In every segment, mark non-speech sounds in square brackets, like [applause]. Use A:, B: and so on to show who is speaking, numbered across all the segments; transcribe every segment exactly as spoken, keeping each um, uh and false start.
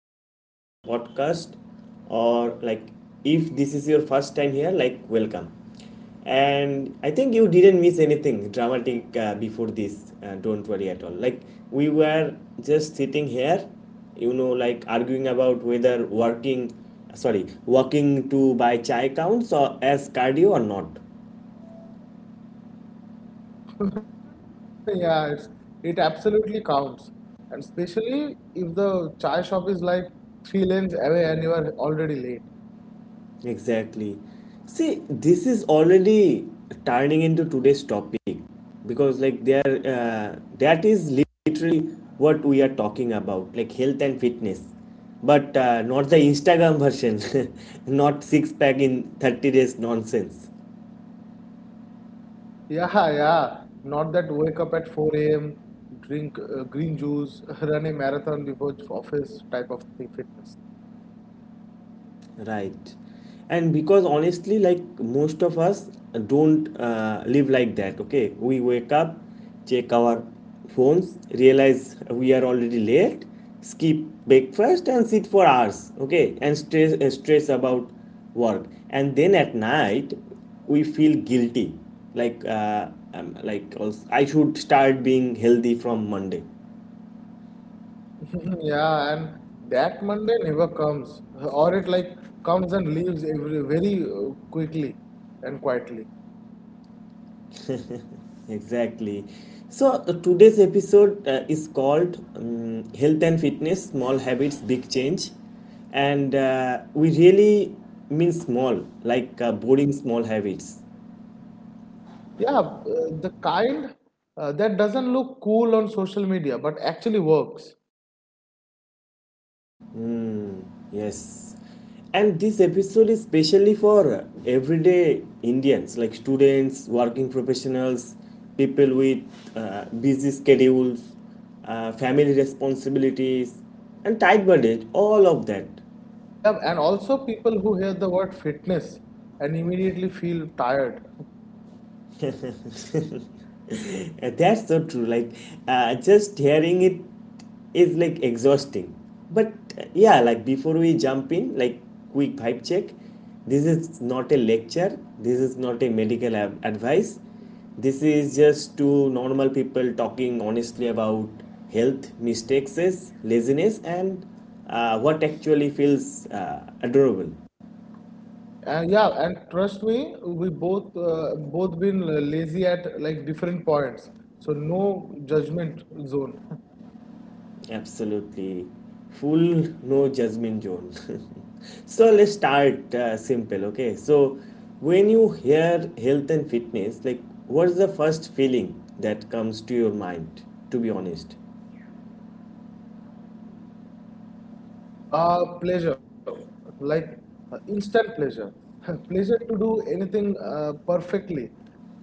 A: welcome back to the podcast. Or like, if this is your first time here, like, welcome. And I think you didn't miss anything dramatic uh, before this. Uh, don't worry at all. Like, we were just sitting here, you know, like arguing about whether working, sorry, walking to buy chai counts or as cardio or not.
B: [laughs] Yeah, it's, it absolutely counts. And especially if the chai shop is like three lanes away and you are already late.
A: Exactly. See, this is already turning into today's topic because, like, there uh, that is literally what we are talking about, like health and fitness, but uh, not the Instagram version, [laughs] not six pack in thirty days nonsense.
B: Yeah, yeah. Not that wake up at four a m, drink uh, green juice, [laughs] run a marathon before office type of thing, fitness.
A: Right. And because honestly, like most of us don't uh, live like that, okay? We wake up, check our phones, realize we are already late, skip breakfast, and sit for hours, okay? And stress, uh, stress about work. And then at night, we feel guilty. Like, uh, um, like also, I should start being healthy from Monday.
B: [laughs] Yeah, and that Monday never comes, or it like comes and leaves every very uh, quickly and quietly.
A: Exactly. So uh, today's episode uh, is called um, Health and Fitness, Small Habits, Big Change. And uh, we really mean small, like uh, boring small habits.
B: Yeah, uh, the kind uh, that doesn't look cool on social media but actually works.
A: Yes. And this episode is specially for uh, everyday Indians, like students, working professionals, people with uh, busy schedules, uh, family responsibilities, and tight budget, all of that.
B: Yeah, and also people who hear the word fitness and immediately feel tired.
A: [laughs] That's so true. Like, uh, just hearing it is like exhausting. But uh, yeah, like before we jump in, like quick vibe check. This is not a lecture. This is not a medical ab- advice. This is just two normal people talking honestly about health, mistakes, laziness, and uh, what actually feels uh, adorable.
B: Uh, yeah, and trust me, we both uh, both been lazy at like different points. So no judgment zone.
A: Absolutely. Full no judgment zone. [laughs] So let's start uh, simple, okay? So when you hear health and fitness, like what's the first feeling that comes to your mind, to be honest?
B: Uh, pleasure, like uh, instant pleasure. [laughs] Pleasure to do anything uh, perfectly.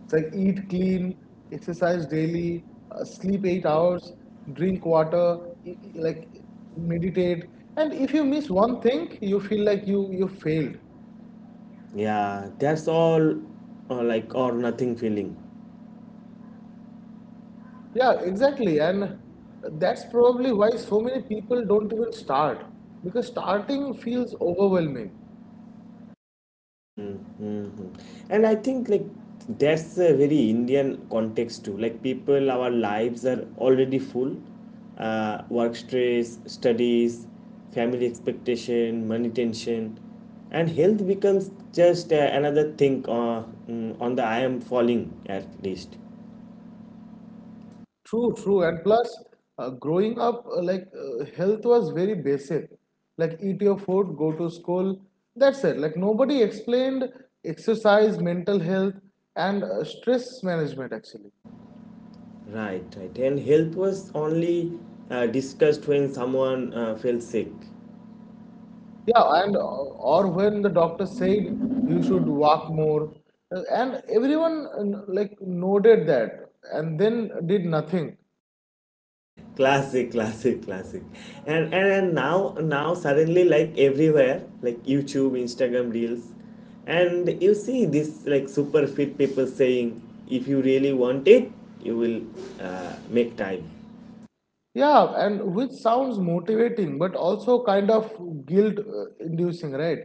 B: It's like eat clean, exercise daily, uh, sleep eight hours, drink water, e- e- like meditate. And if you miss one thing, you feel like you you failed.
A: Yeah, that's all uh, like or nothing feeling.
B: Yeah, exactly. And that's probably why so many people don't even start because starting feels overwhelming.
A: Mhm. And I think like that's a very Indian context too. Like people, our lives are already full. Uh, work stress, studies, family expectation, money tension, and health becomes just uh, another thing uh, mm, on the I am falling at least.
B: True, true, and plus, uh, growing up, uh, like uh, health was very basic. Like eat your food, go to school. That's it. Like nobody explained exercise, mental health, and uh, stress management actually.
A: Right, right. And health was only uh, discussed when someone uh, felt sick.
B: Yeah, and uh, or when the doctor said you should walk more, uh, and everyone uh, like noted that and then did nothing.
A: classic classic classic and, and and now now suddenly, like, everywhere, like YouTube, Instagram reels, and you see this like super fit people saying if you really want it, you will uh, make time.
B: Yeah, and which sounds motivating, but also kind of guilt-inducing, right?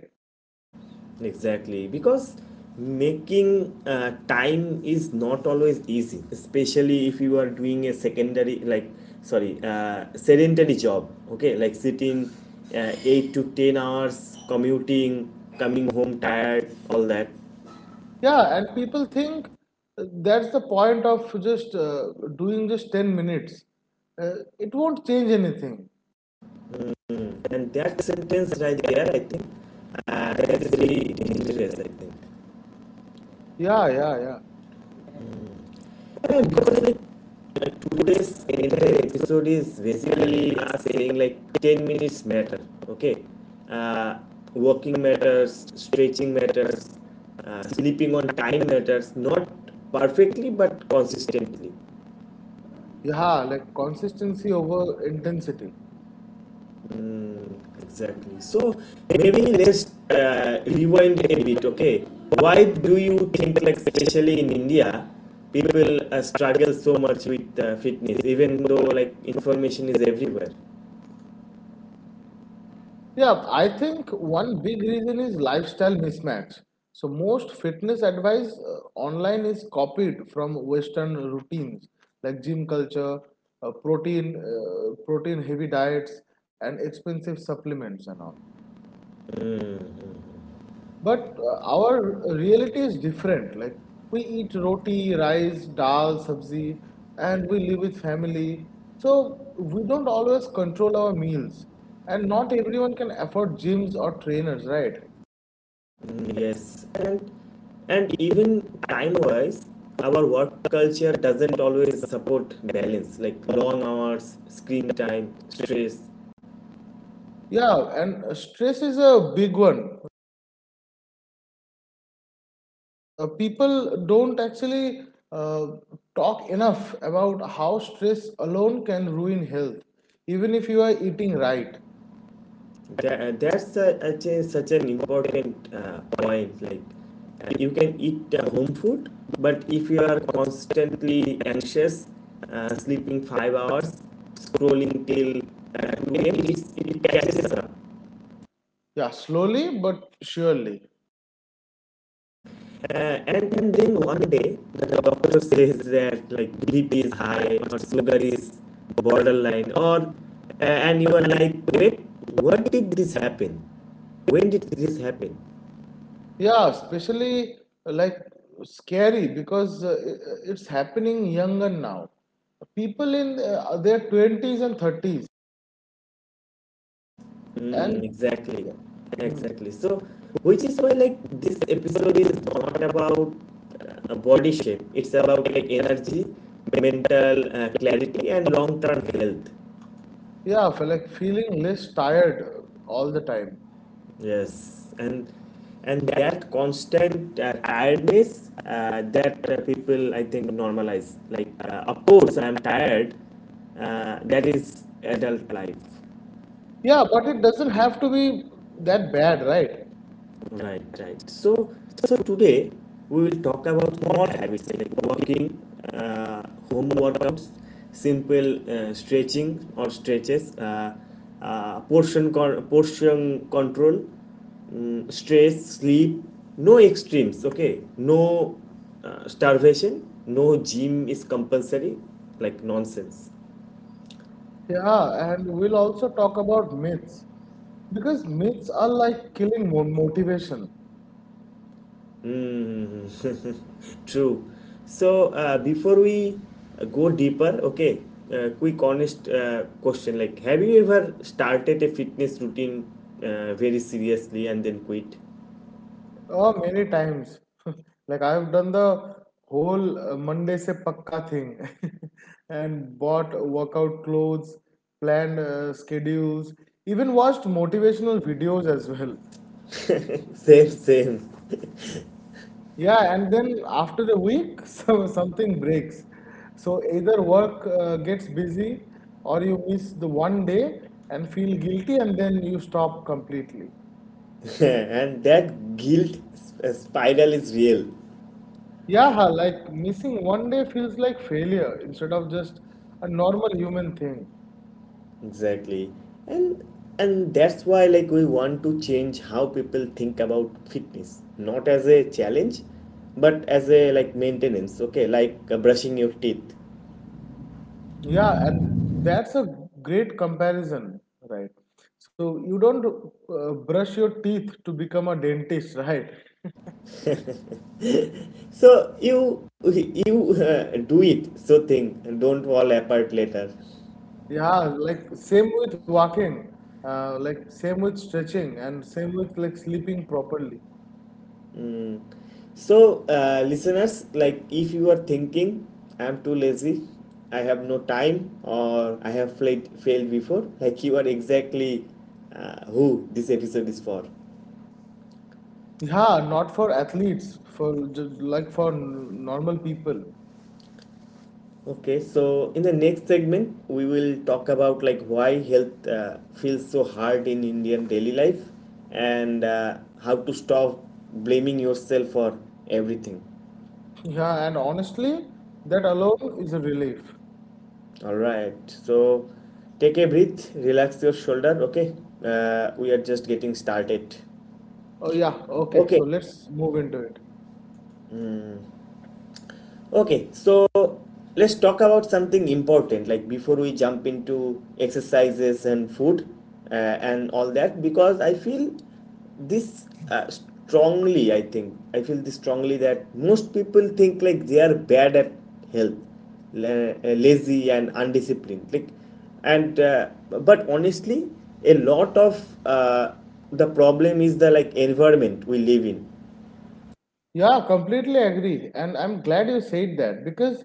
A: Exactly, because making uh, time is not always easy, especially if you are doing a secondary, like, sorry, uh, sedentary job, okay, like sitting uh, eight to ten hours, commuting, coming home tired, all that.
B: Yeah, and people think uh, that's the point of just uh, doing just ten minutes. Uh, it won't change anything.
A: Mm. And that sentence right there, I think, uh, that is very dangerous, I think.
B: Yeah, yeah, yeah.
A: Yeah, because like uh, today's entire episode is basically us saying like ten minutes matter, okay? Uh, working matters, stretching matters, uh, sleeping on time matters, not perfectly but consistently.
B: Yeah, like consistency over intensity.
A: Mm, exactly. So maybe let's uh, rewind a bit, okay? Why do you think like especially in India, people uh, struggle so much with uh, fitness even though like information is everywhere?
B: Yeah, I think one big reason is lifestyle mismatch. So most fitness advice uh, online is copied from Western routines like gym culture, uh, protein, uh, protein heavy diets, and expensive supplements and all. But uh, our reality is different. Like we eat roti, rice, dal, sabzi, and we live with family. So we don't always control our meals. And not everyone can afford gyms or trainers, right?
A: Mm, yes, and and even time-wise, our work culture doesn't always support balance, like long hours, screen time, stress.
B: Yeah, and uh, stress is a big one. Uh, people don't actually uh, talk enough about how stress alone can ruin health, even if you are eating right.
A: That, that's a, a change, such an important uh, point. Like uh, you can eat uh, home food, but if you are constantly anxious, uh, sleeping five hours, scrolling till uh, two a m, it's- it catches up.
B: Yeah, slowly but surely.
A: Uh, and, and then one day, the doctor says that like B P is high or sugar is borderline, or uh, and you are like, wait, what did this happen? When did this happen?
B: Yeah, especially uh, like scary because uh, i- it's happening younger now. People in uh, their twenties and thirties, and
A: Mm, exactly,
B: yeah. Hmm,
A: exactly. So, which is why like this episode is not about uh, body shape. It's about like energy, mental uh, clarity, and long-term health.
B: yeah, for like feeling less tired all the time.
A: Yes, and and that constant uh, tiredness uh, that uh, people I think normalize. Like, uh, of course, I'm tired. Uh, that is adult life.
B: Yeah, but it doesn't have to be that bad, right?
A: Right, right. So, so today we will talk about small habits like walking, uh, home workouts, simple uh, stretching or stretches, uh, uh, portion con- portion control, mm, stress, sleep. No extremes, okay? No uh, starvation. No gym is compulsory, like nonsense.
B: Yeah, and we'll also talk about myths because myths are like killing mo motivation.
A: True. So uh, before we uh, go deeper, okay, uh, quick honest uh, question like, have you ever started a fitness routine uh, very seriously and then quit?
B: Oh, many times. [laughs] Like I've done the whole uh, Monday se pakka thing [laughs] and bought workout clothes, planned uh, schedules, even watched motivational videos as well.
A: [laughs] Same, same.
B: Yeah, and then after a week, [laughs] some, something breaks. So either work uh, gets busy or you miss the one day and feel guilty and then you stop completely.
A: [laughs] And that guilt sp- spiral is real.
B: Yeah, like missing one day feels like failure instead of just a normal human thing.
A: Exactly. And and that's why like we want to change how people think about fitness, not as a challenge, but as a like maintenance, okay, like uh, brushing your teeth.
B: Yeah, and that's a great comparison, right? So you don't uh, brush your teeth to become a dentist, [laughs] right?
A: [laughs] So you you uh, do it so think and don't fall apart later.
B: Yeah, like same with walking, uh, like same with stretching, and same with like sleeping properly.
A: So uh, listeners, like, if you are thinking I'm too lazy, I have no time, or I have failed failed before, like, you are exactly uh, who this episode is for.
B: Yeah, not for athletes, for just like for n- normal people.
A: Okay, so in the next segment, we will talk about like why health uh, feels so hard in Indian daily life and uh, how to stop blaming yourself for everything.
B: Yeah, and honestly, that alone is a relief.
A: All right, so take a breath, relax your shoulder. Okay, uh, we are just getting started.
B: Oh, yeah. Okay.
A: Okay,
B: So let's move into it.
A: Okay, so let's talk about something important like before we jump into exercises and food uh, and all that, because I feel this uh, strongly, I think I feel this strongly that most people think like they are bad at health, la- uh, lazy and undisciplined, like, and uh, but honestly a lot of uh, the problem is the, like, environment we live in.
B: Yeah, completely agree. And I'm glad you said that because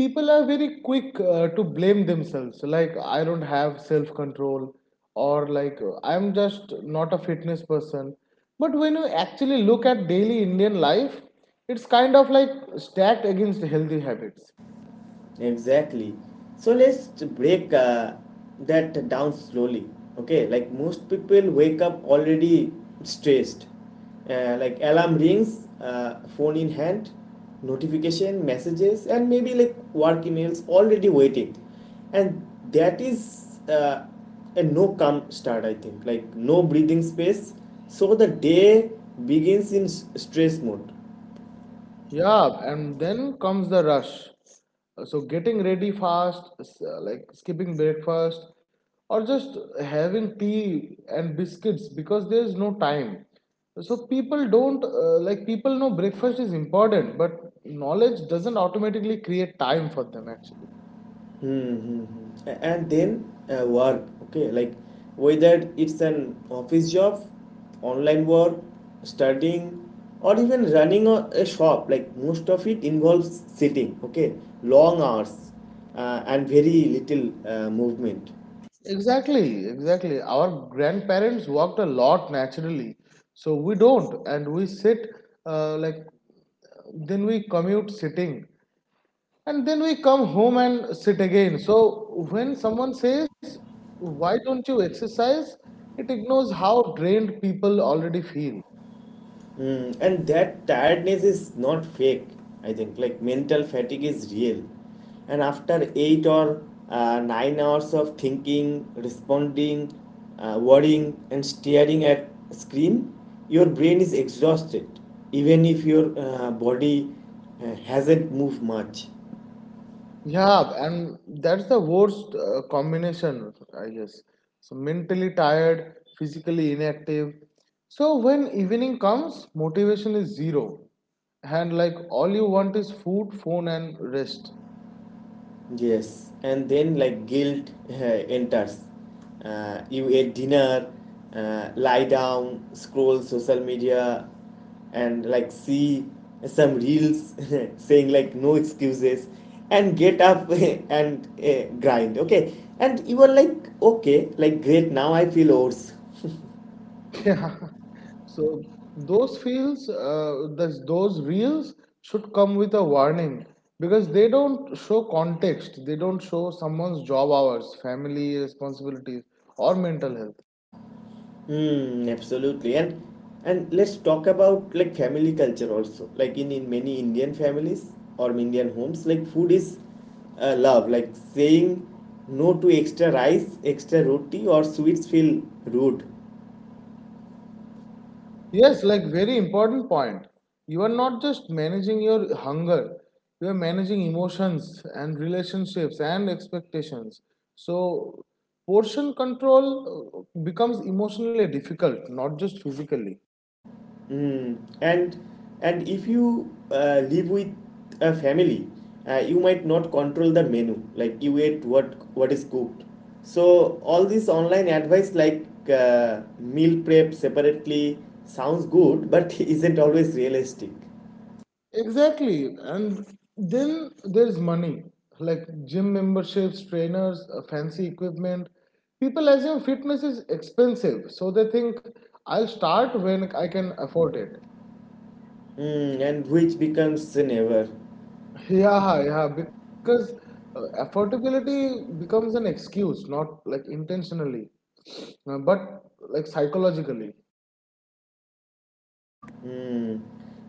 B: people are very quick uh, to blame themselves. Like, I don't have self control, or like, I'm just not a fitness person. But when you actually look at daily Indian life, it's kind of like stacked against healthy habits.
A: Exactly. So let's break uh, that down slowly. Okay, like most people wake up already stressed. Uh, like alarm rings, uh, phone in hand, notification, messages, and maybe like work emails already waiting. And that is uh, a no calm start, I think. Like no breathing space. So the day begins in s- stress mode.
B: Yeah, and then comes the rush. So getting ready fast, s- uh, like skipping breakfast, or just having tea and biscuits because there's no time. So people don't uh, like people know breakfast is important, but knowledge doesn't automatically create time for them actually.
A: Mm-hmm. And then uh, work, okay, like whether it's an office job, online work, studying, or even running a, a shop, like most of it involves sitting, okay, long hours, uh, and very little uh, movement.
B: Exactly, exactly. Our grandparents walked a lot naturally, so we don't, and we sit uh, like then we commute sitting, and then we come home and sit again. So when someone says, "Why don't you exercise?" it ignores how drained people already feel.
A: Mm, and that tiredness is not fake, I think. Like mental fatigue is real. And after eight or uh, nine hours of thinking, responding, uh, worrying, and staring at screen, your brain is exhausted, even if your uh, body uh, hasn't moved much.
B: Yeah, and that's the worst uh, combination, I guess. So mentally tired, physically inactive. So when evening comes, motivation is zero. And like all you want is food, phone, and rest.
A: Yes, and then like guilt [laughs] enters. Uh, you ate dinner, uh, lie down, scroll social media, and like see some reels [laughs] saying like no excuses, and get up [laughs] and uh, grind. Okay, and you are like okay, like great. Now I feel worse.
B: Yeah. [laughs] So those fields, uh, those those reels should come with a warning because they don't show context. They don't show someone's job hours, family responsibilities, or mental health.
A: Hmm, absolutely. And and let's talk about like family culture also. Like in, in many Indian families or Indian homes, like food is uh, love. Like saying no to extra rice, extra roti or sweets feel rude.
B: Yes, like very important point. You are not just managing your hunger, you are managing emotions and relationships and expectations. So portion control uh, becomes emotionally difficult, not just physically.
A: Mm. And and if you uh, live with a family, uh, you might not control the menu. Like you ate what what is cooked. So all this online advice like uh, meal prep separately sounds good, but [laughs] isn't always realistic.
B: Exactly. And then there's money, like gym memberships, trainers, uh, fancy equipment. People assume fitness is expensive, so they think I'll start when I can afford it. [laughs]
A: Mm, and which becomes never.
B: Yeah, yeah, because uh, affordability becomes an excuse, not like intentionally, uh, but like psychologically.
A: Mm.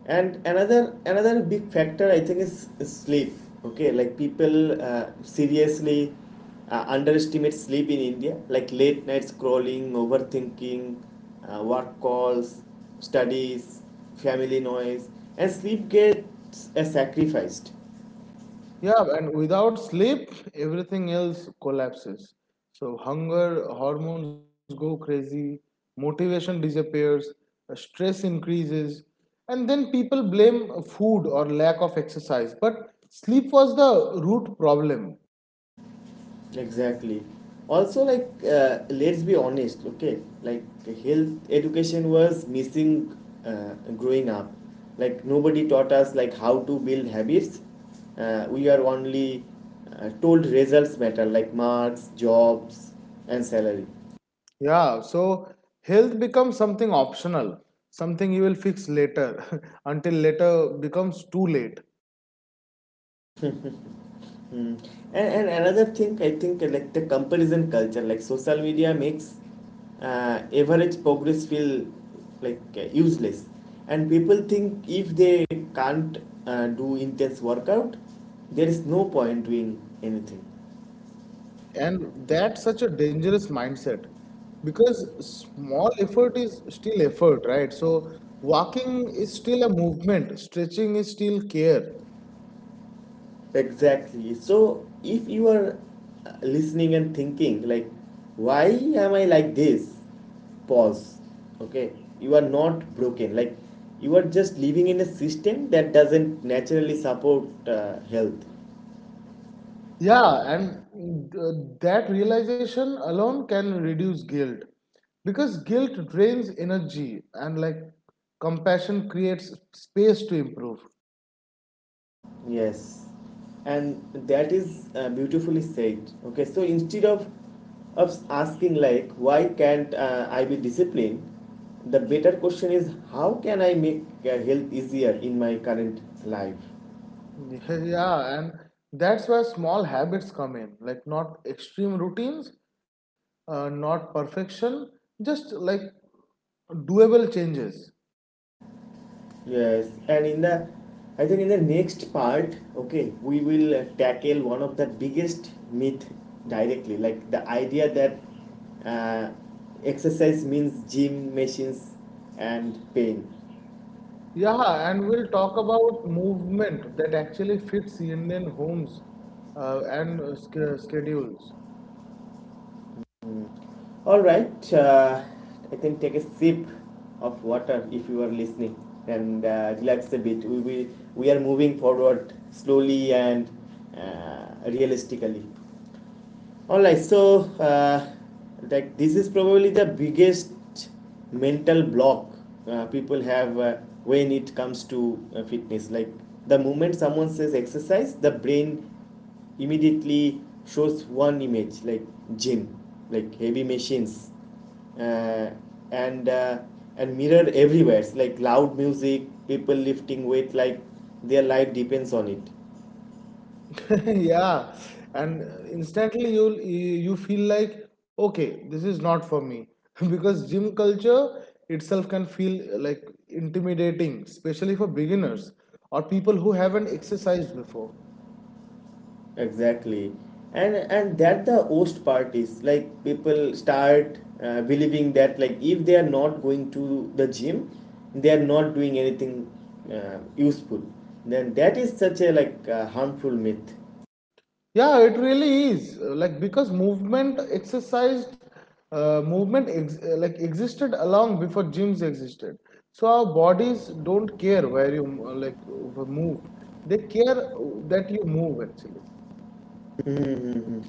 A: And another another big factor I think is, is sleep. Okay, like people uh, seriously uh, underestimate sleep in India. Like late night scrolling, overthinking, uh, work calls, studies, family noise, and sleep gets uh, sacrificed.
B: Yeah, and without sleep, everything else collapses. So hunger hormones go crazy, motivation disappears, uh, stress increases, and then people blame food or lack of exercise. But sleep was the root problem.
A: Exactly. Also, like, uh, let's be honest, okay, like, health education was missing uh, growing up. Like nobody taught us like how to build habits. Uh, we are only uh, told results matter, like marks, jobs, and salary.
B: Yeah, so health becomes something optional, something you will fix later [laughs] until later becomes too late.
A: Mm. And, and another thing I think, uh, like the comparison culture like social media makes uh, average progress feel like uh, useless, and people think if they can't uh, do intense workout, there is no point doing anything.
B: And that's such a dangerous mindset because small effort is still effort, right? So walking is still a movement, stretching is still care.
A: Exactly. So if you are uh, listening and thinking like why am I like this? Pause. Okay. You are not broken. Like you are just living in a system that doesn't naturally support uh, health.
B: Yeah, and uh, that realization alone can reduce guilt because guilt drains energy and like compassion creates space to improve.
A: Yes. And that is uh, beautifully said. Okay. So instead of of asking like why can't uh, I be disciplined, the better question is how can I make uh, health easier in my current life?
B: [laughs] Yeah, and that's where small habits come in, like not extreme routines, uh, not perfection, just like doable changes.
A: Yes, and in the, I think, in the next part, okay, we will uh, tackle one of the biggest myth directly, like the idea that uh, exercise means gym machines and pain.
B: Yeah, and we'll talk about movement that actually fits Indian homes uh, and uh, sch- schedules.
A: All right, uh, I think take a sip of water if you are listening and uh, relax a bit. We will, we are moving forward slowly and uh, realistically. Alright, so uh, like this is probably the biggest mental block uh, people have uh, when it comes to uh, fitness. Like the moment someone says exercise, the brain immediately shows one image like gym, like heavy machines, uh, and uh, and mirror everywhere. It's like loud music, people lifting weight like their life depends on it.
B: [laughs] Yeah, and uh, instantly you you feel like okay, this is not for me [laughs] because gym culture itself can feel uh, like intimidating, especially for beginners or people who haven't exercised before.
A: Exactly, and and that the worst part is like people start uh, believing that like if they are not going to the gym, they are not doing anything uh, useful. Then that is such a like uh, harmful myth.
B: Yeah, it really is uh, like because movement exercised uh, movement ex uh, like existed along before gyms existed. So our bodies don't care where you uh, like uh, move; they care uh, that you move actually.
A: Hmm.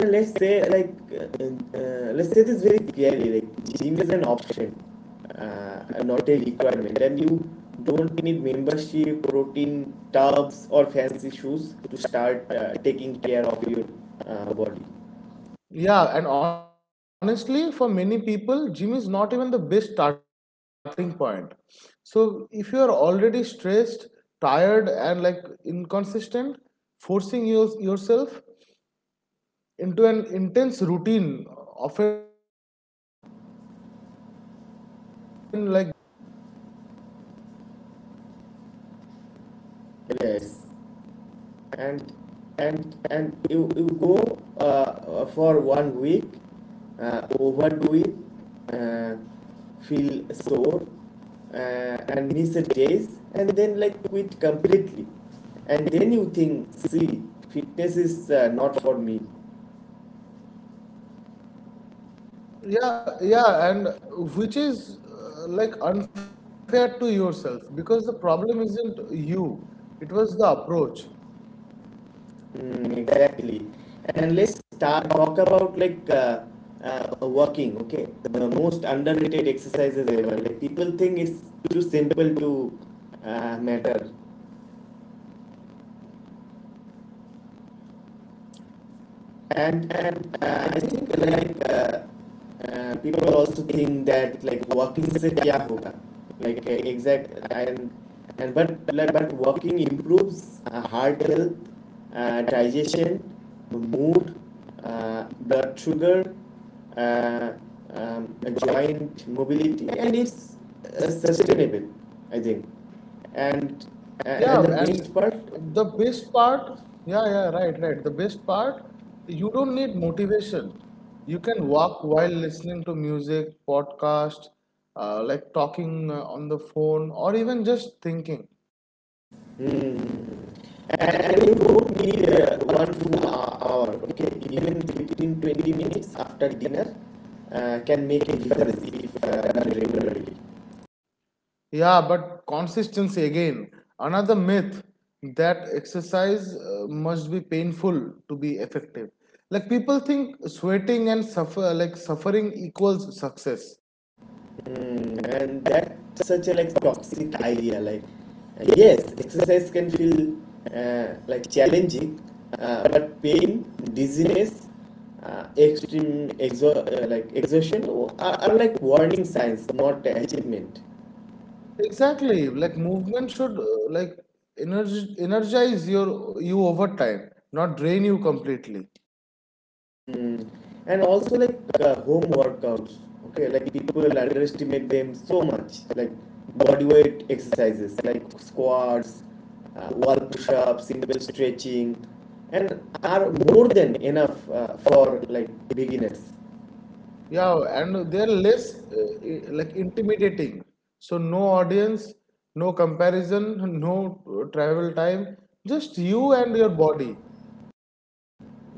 A: And let's say like uh, uh, let's say this very clearly like gym is an option, uh, not a requirement, and you don't need membership, protein tubs, or fancy shoes to start uh, taking care of your uh, body.
B: Yeah, and honestly, for many people, gym is not even the best starting point. So if you are already stressed, tired, and like inconsistent, forcing your, yourself into an intense routine often like backfires.
A: Yes. and and and you, you go uh, uh, for one week, uh, overdo it, uh, feel sore, uh, and miss the days and then like quit completely, and then you think, see, fitness is uh, not for me.
B: Yeah, yeah, and which is uh, like unfair to yourself because the problem isn't you, it was the approach.
A: Mm, exactly. And let's start talk about like uh, uh, walking, okay, the most underrated exercises ever. Like people think it's too simple to uh, matter. And and uh, I think like uh, uh, people also think that like working से क्या होगा, like uh, exact. And and but like, but working improves uh, heart health, uh, digestion, mood, uh, blood sugar, uh, um, joint mobility, and it's uh, sustainable. I think. And and
B: Yeah,
A: the
B: and
A: best part.
B: the best part, yeah, yeah, right, right. The best part, you don't need motivation. You can walk while listening to music, podcast, uh, like talking uh, on the phone, or even just thinking.
A: Mm. And you don't need uh, one full hour, okay? Even within twenty minutes after dinner uh, can make a difference if uh, done regularly.
B: Yeah, but consistency again, another myth that exercise uh, must be painful to be effective. Like people think sweating and suffer, like suffering equals success.
A: Mm. And that's such a like toxic idea. Like, uh, yes, exercise can feel uh, like challenging, uh, but pain, dizziness, uh, extreme exo- uh, like exhaustion are, are like warning signs, not achievement.
B: Exactly, like movement should uh, like energy energize your you over time, not drain you completely.
A: Mm. And also like uh, home workouts, okay, like people underestimate them so much, like body weight exercises, like squats, uh, wall push-ups, simple stretching, and are more than enough uh, for like beginners.
B: Yeah, and they're less uh, i- like intimidating. So no audience, no comparison, [laughs] no uh, travel time, just you and your body.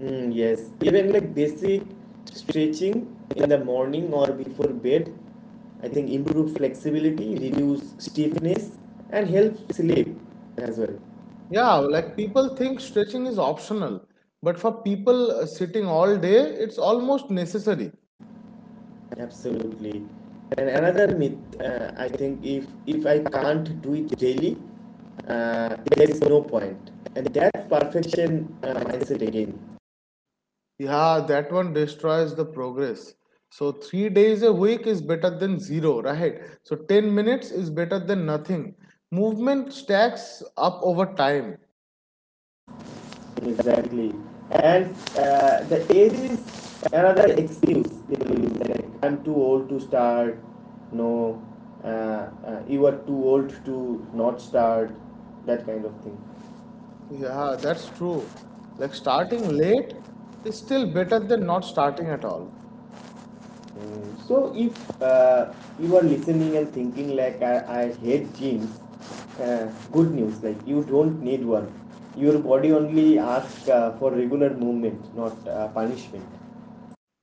A: Mm, yes, even like basic stretching in the morning or before bed, I think improve flexibility, reduce stiffness, and help sleep as well.
B: Yeah, like people think stretching is optional, but for people uh, sitting all day, it's almost necessary.
A: Absolutely. And another myth, uh, I think if if I can't do it daily, uh, there is no point. And that perfection uh, mindset again.
B: Yeah, that one destroys the progress. So three days a week is better than zero, right? So ten minutes is better than nothing. Movement stacks up over time.
A: Exactly. And uh, the age is another excuse people use. Like, I'm too old to start. No, uh, uh, you are too old to not start. That kind of thing.
B: Yeah, that's true. Like starting late is still better than not starting at all.
A: Mm. So if uh, you are listening and thinking like I, I hate jeans, uh, good news, like you don't need one. Your body only asks uh, for regular movement, not uh, punishment.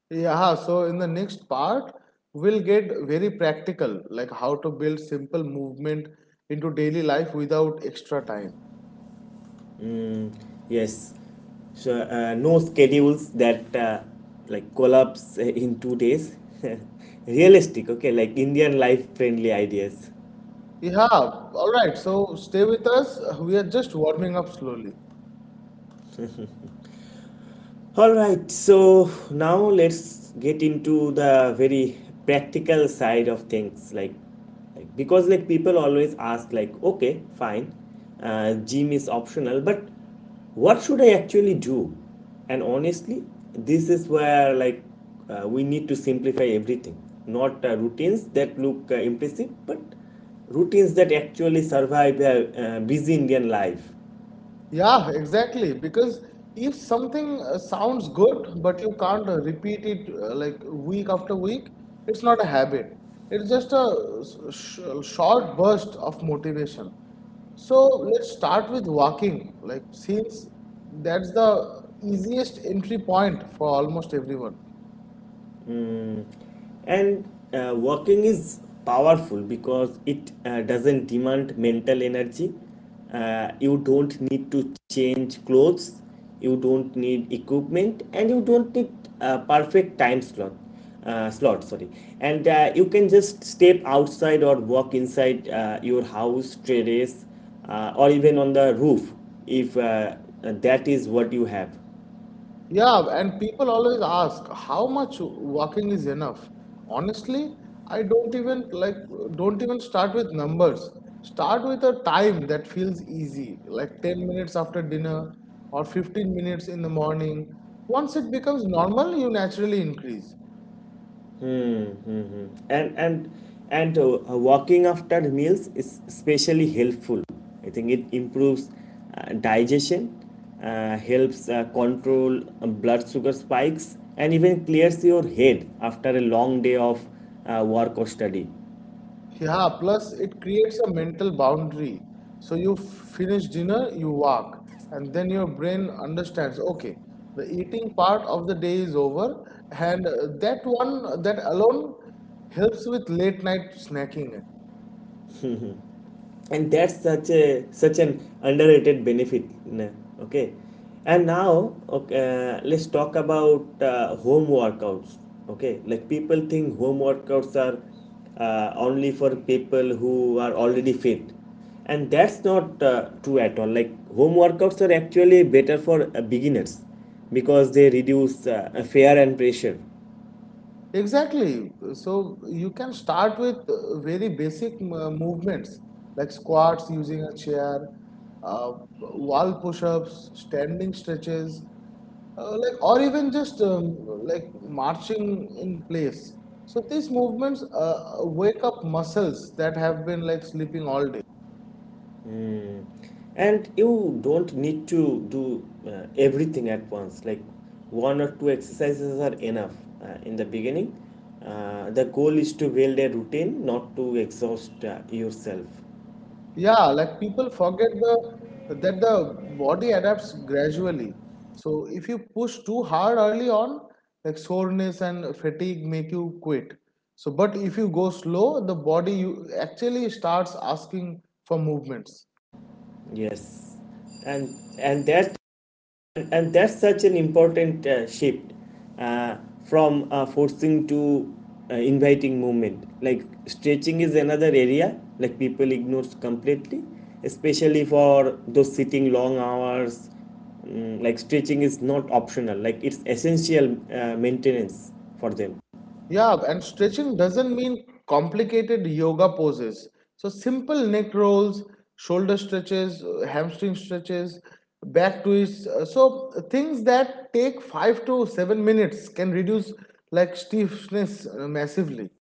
B: Yeah, so in the next part, we'll get very practical, like how to build simple movement into daily life without extra time.
A: Mm, yes. So uh, no schedules that uh, like collapse uh, in two days. [laughs] Realistic, okay, like Indian life friendly ideas.
B: Yeah, all right, so stay with us. We are just warming up slowly.
A: All right, so now let's get into the very practical side of things, like, like because like people always ask like, okay, fine, uh, gym is optional, but what should I actually do? And honestly, this is where like uh, we need to simplify everything, not uh, routines that look uh, impressive, but routines that actually survive a uh, busy Indian life.
B: Yeah, exactly. Because if something uh, sounds good, but you can't uh, repeat it uh, like week after week, it's not a habit. It's just a s- sh short burst of motivation. So let's start with walking, like since that's the easiest entry point for almost everyone.
A: Mm, and uh, working is powerful because it uh, doesn't demand mental energy. Uh, you don't need to change clothes, you don't need equipment, and you don't need uh, perfect time slot. Uh, slot, sorry. And uh, you can just step outside or walk inside uh, your house terrace, uh, or even on the roof if uh, that is what you have.
B: Yeah, and people always ask how much walking is enough. Honestly, I don't even like don't even start with numbers. Start with a time that feels easy, like ten minutes after dinner or fifteen minutes in the morning. Once it becomes normal, you naturally increase.
A: And and and uh, uh, walking after meals is especially helpful. I think it improves uh, digestion, uh, helps uh, control uh, blood sugar spikes, and even clears your head after a long day of uh, work or study.
B: Yeah, plus it creates a mental boundary. So you finish dinner, you walk, and then your brain understands, okay, the eating part of the day is over, and uh, that one, that alone helps with late night snacking.
A: And that's such a such an underrated benefit, nah, okay. And now, okay, uh, let's talk about uh, home workouts, okay, like people think home workouts are uh, only for people who are already fit, and that's not uh, true at all. Like home workouts are actually better for uh, beginners because they reduce uh, fear and pressure.
B: Exactly. So you can start with uh, very basic uh, movements like squats using a chair, uh, wall push-ups, standing stretches, uh, like or even just um, like marching in place. So these movements uh, wake up muscles that have been like sleeping all day.
A: Mm. And you don't need to do uh, everything at once. Like one or two exercises are enough uh, in the beginning. Uh, the goal is to build a routine, not to exhaust uh, yourself.
B: Yeah, like people forget the that the body adapts gradually. So if you push too hard early on, like soreness and fatigue make you quit. So but if you go slow, the body you actually starts asking for movements.
A: Yes. And and that and and that's such an important uh, shift uh, from uh, forcing to uh, inviting movement. Like stretching is another area like people ignore completely, especially for those sitting long hours. Mm, like stretching is not optional, like it's essential uh, maintenance for them.
B: Yeah, and stretching doesn't mean complicated yoga poses. So simple neck rolls, shoulder stretches, uh, hamstring stretches, back twists. uh, So things that take five to seven minutes can reduce like stiffness uh, massively.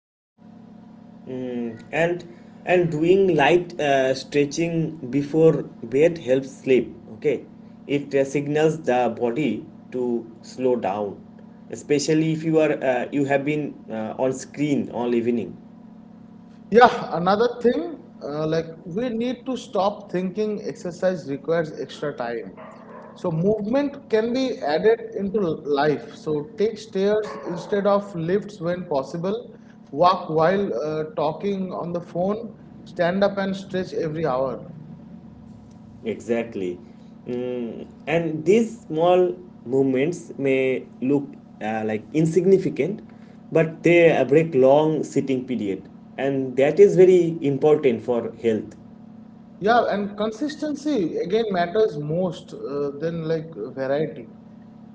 A: Mm, and and doing light uh, stretching before bed helps sleep, okay. It uh, signals the body to slow down, especially if you are uh, you have been uh, on screen all evening.
B: Yeah, another thing, uh, like we need to stop thinking exercise requires extra time. So movement can be added into life. So take stairs instead of lifts when possible. Walk while uh, talking on the phone. Stand up and stretch every hour.
A: Exactly. Mm, and these small movements may look uh, like insignificant, but they uh, break long sitting period, and that is very important for health.
B: Yeah, and consistency again matters most uh, than like variety.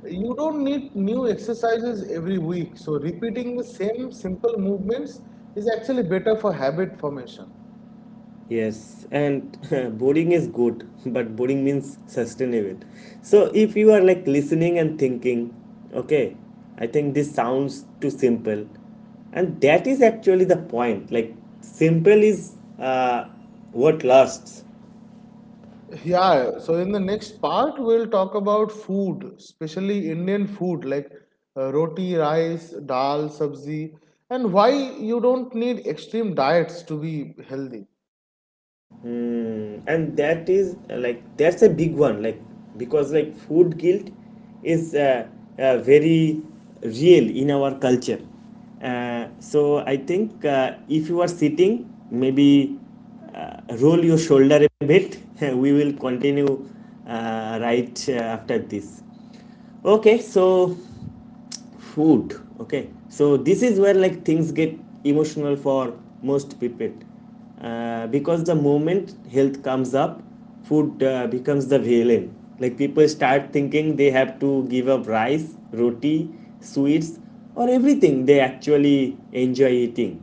B: You don't need new exercises every week, so repeating the same simple movements is actually better for habit formation.
A: Yes, and [laughs] boring is good, but boring means sustainable. So if you are like listening and thinking, okay, I think this sounds too simple, and that is actually the point. Like simple is uh, what lasts.
B: Yeah, so in the next part, we'll talk about food, especially Indian food like uh, roti, rice, dal, sabzi, and why you don't need extreme diets to be healthy.
A: Mm, and that is uh, like that's a big one, like because like food guilt is uh, uh, very real in our culture. Uh, so I think uh, if you are sitting, maybe uh, roll your shoulder a bit. [laughs] We will continue uh, right uh, after this. Okay, so food. Okay, so this is where like things get emotional for most people, uh, because the moment health comes up, food uh, becomes the villain. Like people start thinking they have to give up rice, roti, sweets, or everything they actually enjoy eating.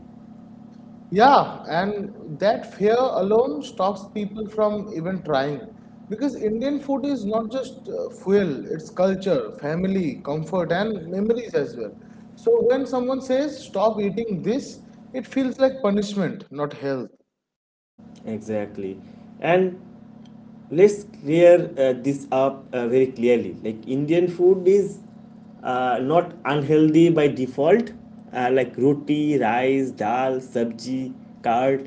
B: Yeah, and that fear alone stops people from even trying. Because Indian food is not just uh, fuel, it's culture, family, comfort, and memories as well. So when someone says, stop eating this, it feels like punishment, not health.
A: Exactly. And let's clear uh, this up uh, very clearly. Like Indian food is uh, not unhealthy by default. Uh, like roti, rice, dal, sabji, curd,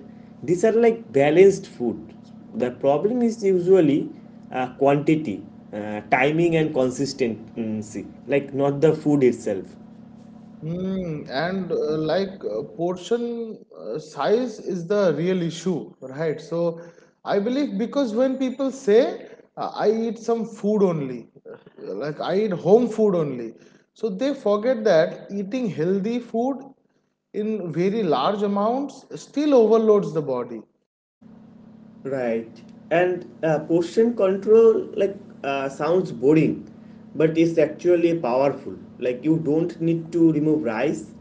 A: these are like balanced food. The problem is usually uh, quantity, uh, timing, and consistency, like not the food itself.
B: Mm, and uh, like uh, portion uh, size is the real issue, right? So I believe because when people say uh, I eat some food only, uh, like I eat home food only, so they forget that eating healthy food in very large amounts still overloads the body.
A: Right. And uh, portion control, like uh, sounds boring, but it's actually powerful. Like you don't need to remove rice,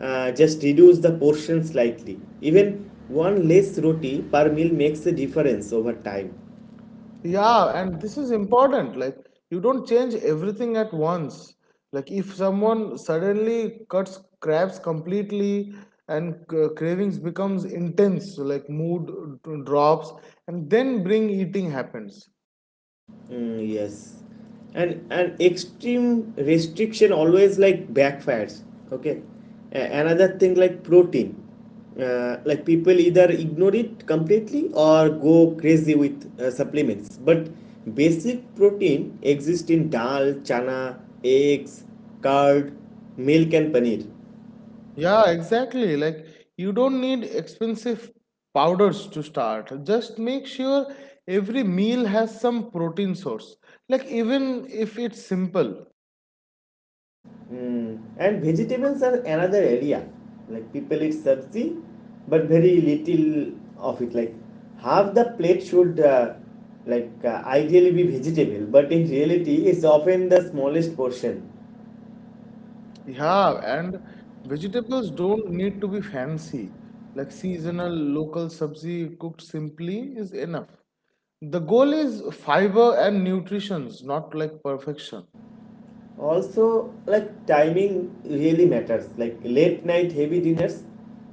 A: uh, just reduce the portion slightly. Even one less roti per meal makes a difference over time.
B: Yeah, and this is important. Like, you don't change everything at once. Like, if someone suddenly cuts crabs completely and c- cravings becomes intense, so like mood d- drops, and then bring eating happens.
A: Mm, yes. And and extreme restriction always like backfires. Okay. A- another thing, like protein. Uh, like people either ignore it completely or go crazy with uh, supplements. But basic protein exists in dal, chana, eggs, curd, milk, and paneer.
B: Yeah, exactly. Like, you don't need expensive powders to start. Just make sure every meal has some protein source. Like, even if it's simple.
A: Mm. And vegetables are another area. Like people eat sabzi, but very little of it. Like half the plate should, uh, like uh, ideally be vegetable, but in reality, it's often the smallest portion.
B: Yeah, and vegetables don't need to be fancy. Like seasonal local sabzi cooked simply is enough. The goal is fiber and nutrition, not like perfection.
A: Also, like timing really matters. Like late night heavy dinners,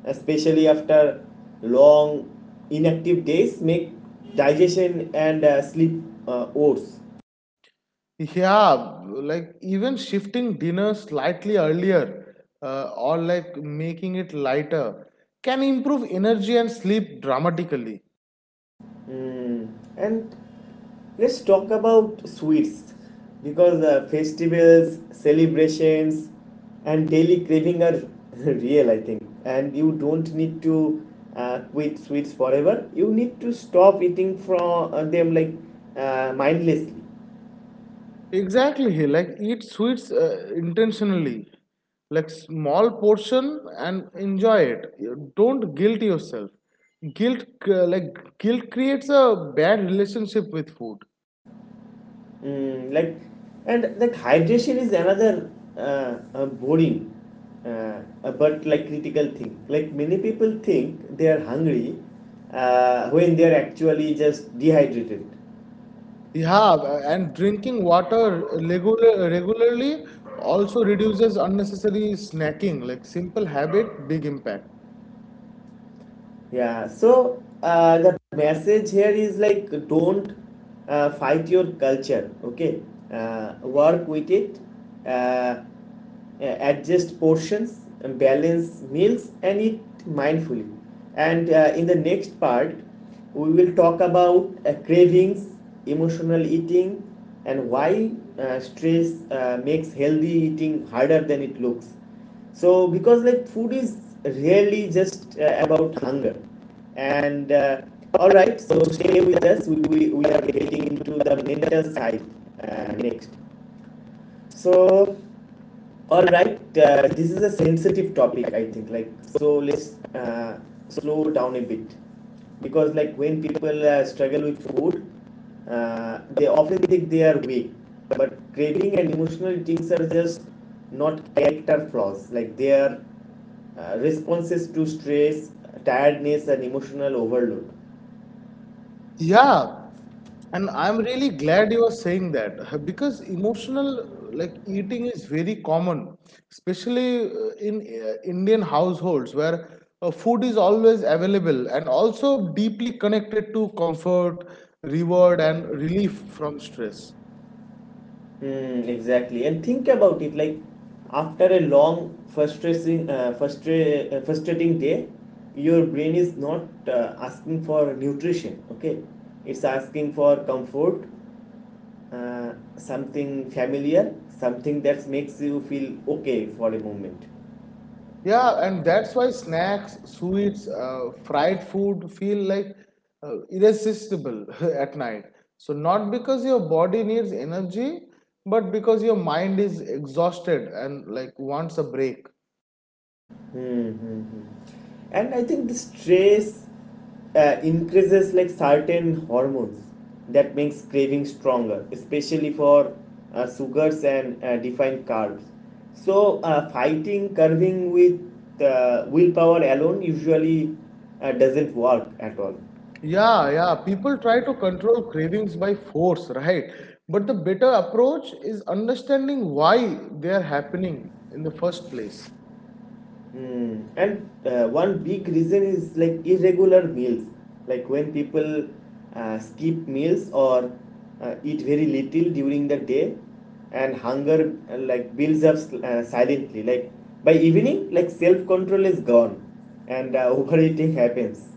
A: especially after long inactive days, make digestion and uh, sleep uh, worse.
B: Yeah, like even shifting dinner slightly earlier uh, or like making it lighter can improve energy and sleep dramatically.
A: Mm. And let's talk about sweets, because uh, festivals, celebrations, and daily craving are [laughs] real, I think. And you don't need to uh, quit sweets forever. You need to stop eating from uh, them like uh, mindlessly.
B: Exactly, he like eat sweets uh, intentionally, like small portion and enjoy it. You don't guilt yourself guilt uh, like guilt creates a bad relationship with food.
A: Mm, like and like hydration is another uh, uh, boring uh, uh, but like critical thing. Like many people think they are hungry uh, when they are actually just dehydrated.
B: Yeah, uh, and drinking water regular, regularly also reduces unnecessary snacking, like simple habit big impact.
A: Yeah, so uh, the message here is like don't uh, fight your culture, okay? Uh, work with it, uh, uh, adjust portions, balance meals, and eat mindfully. And uh, in the next part, we will talk about uh, cravings, emotional eating, and why uh, stress uh, makes healthy eating harder than it looks. So because like food is really just uh, about hunger and uh, all right, so stay with us. We, we, we are getting into the mental side uh, next. So, all right, uh, this is a sensitive topic, I think, like, so let's uh, slow down a bit, because like when people uh, struggle with food, uh, they often think they are weak, but craving and emotional things are just not character flaws. Like they are uh, responses to stress, tiredness, and emotional overload.
B: Yeah, and I'm really glad you are saying that [laughs] because emotional uh, like eating is very common, especially uh, in uh, Indian households where uh, food is always available and also deeply connected to comfort, reward, and relief from stress.
A: Hmm, exactly. And think about it like after a long, frustrating, uh, frustra- uh, frustrating day, your brain is not uh, asking for nutrition, okay? It's asking for comfort, uh, something familiar, something that makes you feel okay for a moment.
B: Yeah, and that's why snacks, sweets, uh, fried food feel like uh, irresistible [laughs] at night. So, not because your body needs energy, but because your mind is exhausted and like wants a break.
A: Mm-hmm. And I think the stress uh, increases like certain hormones that makes craving stronger, especially for uh, sugars and uh, defined carbs. So uh, fighting curving with uh, willpower alone usually uh, doesn't work at all.
B: Yeah, yeah, people try to control cravings by force, right? But the better approach is understanding why they are happening in the first place.
A: Mm. And uh, one big reason is like irregular meals, like when people uh, skip meals or uh, eat very little during the day, and hunger uh, like builds up uh, silently. Like by evening, like self control is gone, and uh, [laughs] overeating happens.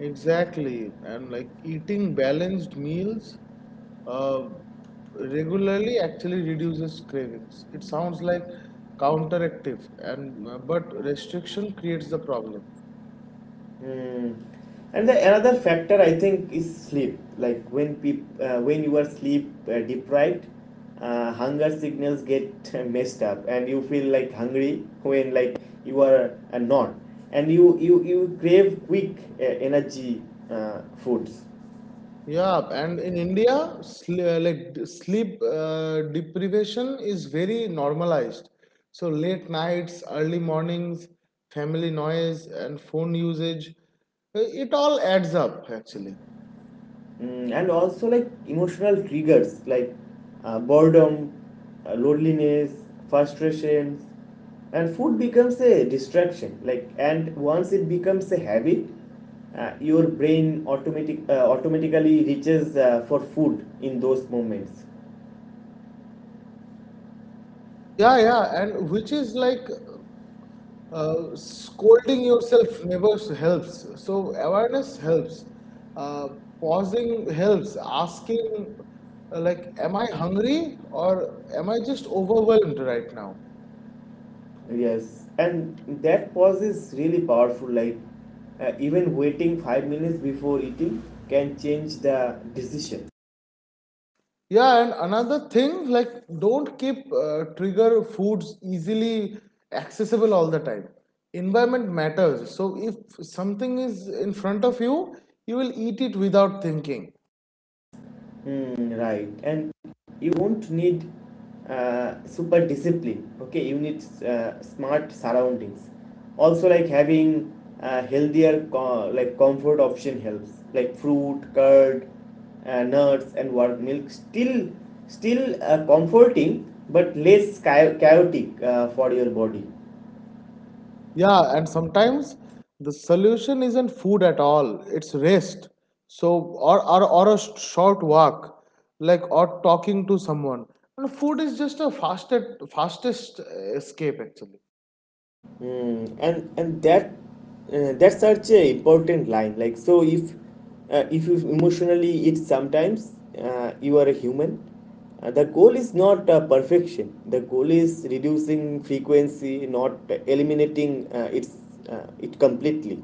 B: Exactly. And like eating balanced meals uh, regularly actually reduces cravings. It sounds like counteractive, and uh, but restriction creates the problem.
A: Mm. And the another factor I think is sleep. Like when peop- uh, when you are sleep uh, deprived, uh, hunger signals get uh, messed up, and you feel like hungry when like you are uh, not, and you you you crave quick uh, energy uh, foods.
B: Yeah, and in India, sl uh, like d- sleep uh, deprivation is very normalized. So late nights, early mornings, family noise, and phone usage, uh, it all adds up actually.
A: Mm, and also like emotional triggers like uh, boredom, uh, loneliness, frustrations, and food becomes a distraction. Like and once it becomes a habit, uh, your brain automatic uh, automatically reaches uh, for food in those moments.
B: Yeah, yeah, and which is like, Uh, scolding yourself never helps. So awareness helps. Uh, pausing helps. Asking, uh, like, am I hungry, or am I just overwhelmed right now?
A: Yes, and that pause is really powerful. Like uh, even waiting five minutes before eating can change the decision.
B: Yeah, and another thing, like, don't keep uh, trigger foods easily accessible all the time. Environment matters. So if something is in front of you, you will eat it without thinking.
A: Mm, right. And you won't need uh, super discipline. Okay, you need uh, smart surroundings. Also, like having uh, healthier co- like comfort option helps, like fruit, curd, uh, nuts, and warm milk. Still, still uh, comforting, but less chao- chaotic uh, for your body.
B: Yeah, and sometimes the solution isn't food at all, it's rest. So, or, or, or a sh- short walk, like, or talking to someone. And food is just a fastest, fastest uh, escape, actually.
A: Mm, and and that uh, that's such a important line. Like so, if uh, if you emotionally eat sometimes, uh, you are a human. Uh, the goal is not uh, perfection. The goal is reducing frequency, not eliminating uh, its uh, it completely.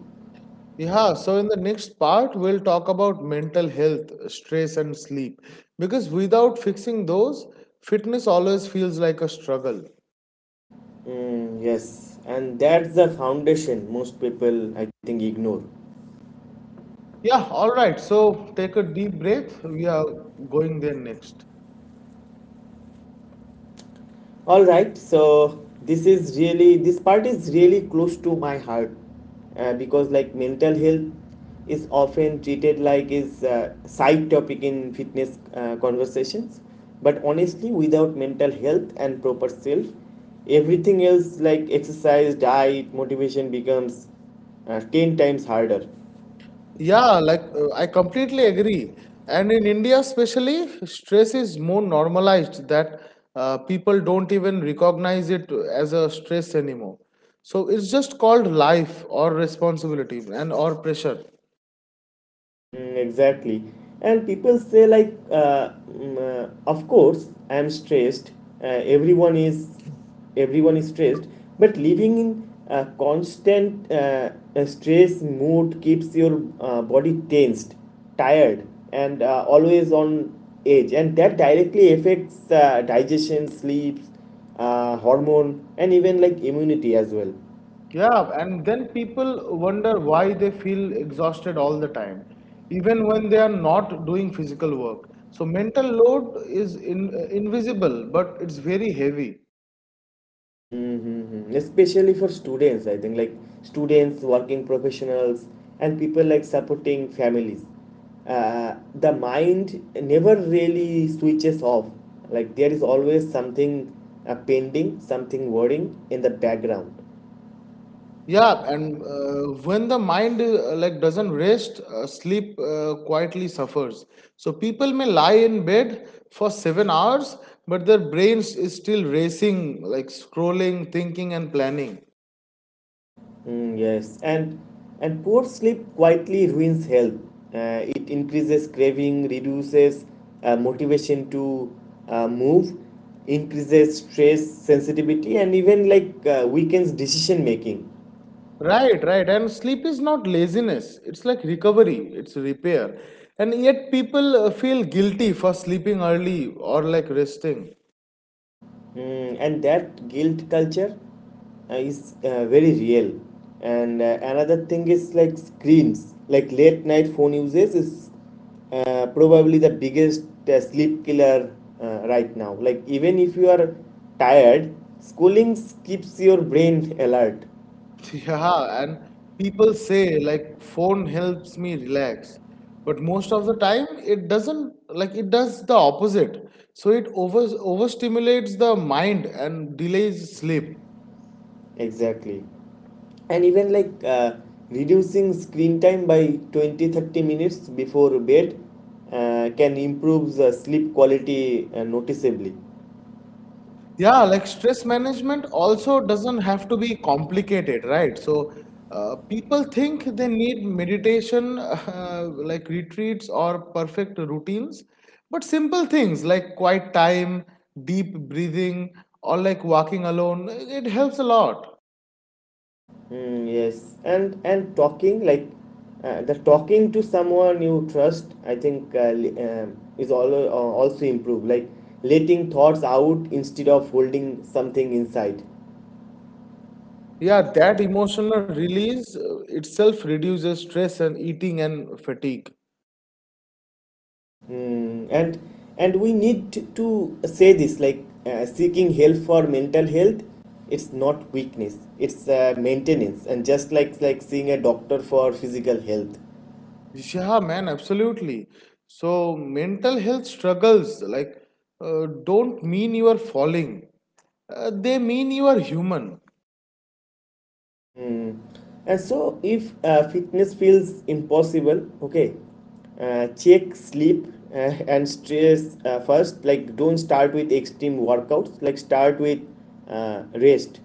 B: Yeah, so in the next part, we'll talk about mental health, stress, and sleep. Because without fixing those, fitness always feels like a struggle.
A: Mm, yes, and that's the foundation most people I think ignore.
B: Yeah, all right, so take a deep breath. We are going there next.
A: All right, so this is really this part is really close to my heart uh, because like mental health is often treated like is a side topic in fitness uh, conversations, but honestly, without mental health and proper self, everything else like exercise, diet, motivation becomes uh, ten times harder.
B: Yeah, like uh, I completely agree. And in India, especially, stress is more normalized that uh, people don't even recognize it as a stress anymore. So it's just called life or responsibility and or pressure.
A: Mm, exactly. And people say, like, uh, mm, uh, of course, I'm stressed. Uh, everyone is, everyone is stressed. But living in a constant uh, uh, stress mood keeps your uh, body tensed, tired, and uh, always on edge. And that directly affects uh, digestion, sleep, uh, hormone, and even like immunity as well.
B: Yeah, and then people wonder why they feel exhausted all the time, even when they are not doing physical work. So mental load is in, uh, invisible, but it's very heavy.
A: Mm-hmm. Especially for students, I think, like students, working professionals, and people like supporting families. Uh, the mind never really switches off. Like there is always something uh, pending, something worrying in the background.
B: Yeah, and uh, when the mind uh, like doesn't rest, uh, sleep uh, quietly suffers. So people may lie in bed for seven hours, but their brains is still racing, like scrolling, thinking, and planning.
A: Mm, yes, and and poor sleep quietly ruins health. Uh, it increases craving, reduces uh, motivation to uh, move, increases stress, sensitivity, and even like uh, weakens decision making.
B: Right, right. And sleep is not laziness. It's like recovery. It's repair. And yet people uh, feel guilty for sleeping early or like resting.
A: Mm, and that guilt culture uh, is uh, very real. And uh, another thing is like screens, like late night phone usage is uh, probably the biggest uh, sleep killer uh, right now. Like even if you are tired, schooling keeps your brain alert.
B: [laughs] Yeah, and people say like phone helps me relax, but most of the time it doesn't, like it does the opposite. So it over overstimulates the mind and delays sleep.
A: Exactly. And even like uh, reducing screen time by twenty thirty minutes before bed uh, can improve the sleep quality uh, noticeably.
B: Yeah, like stress management also doesn't have to be complicated, right? So, uh, people think they need meditation, [laughs] uh, like retreats or perfect routines, but simple things like quiet time, deep breathing, or like walking alone, it helps a lot.
A: Mm, yes, and and talking like uh, the talking to someone you trust, I think uh, li- um, is all, uh, also improved. Like letting thoughts out instead of holding something inside.
B: Yeah, that emotional release uh, itself reduces stress and eating and fatigue.
A: Mm, and and we need to, to say this like uh, seeking help for mental health. It's not weakness. It's uh, maintenance, and just like like seeing a doctor for physical health.
B: Yeah, man, absolutely. So, mental health struggles like uh, don't mean you are falling. Uh, they mean you are human.
A: Hmm. And so, if uh, fitness feels impossible, okay, uh, check sleep uh, and stress uh, first. Like, don't start with extreme workouts. Like, start with uh, rest.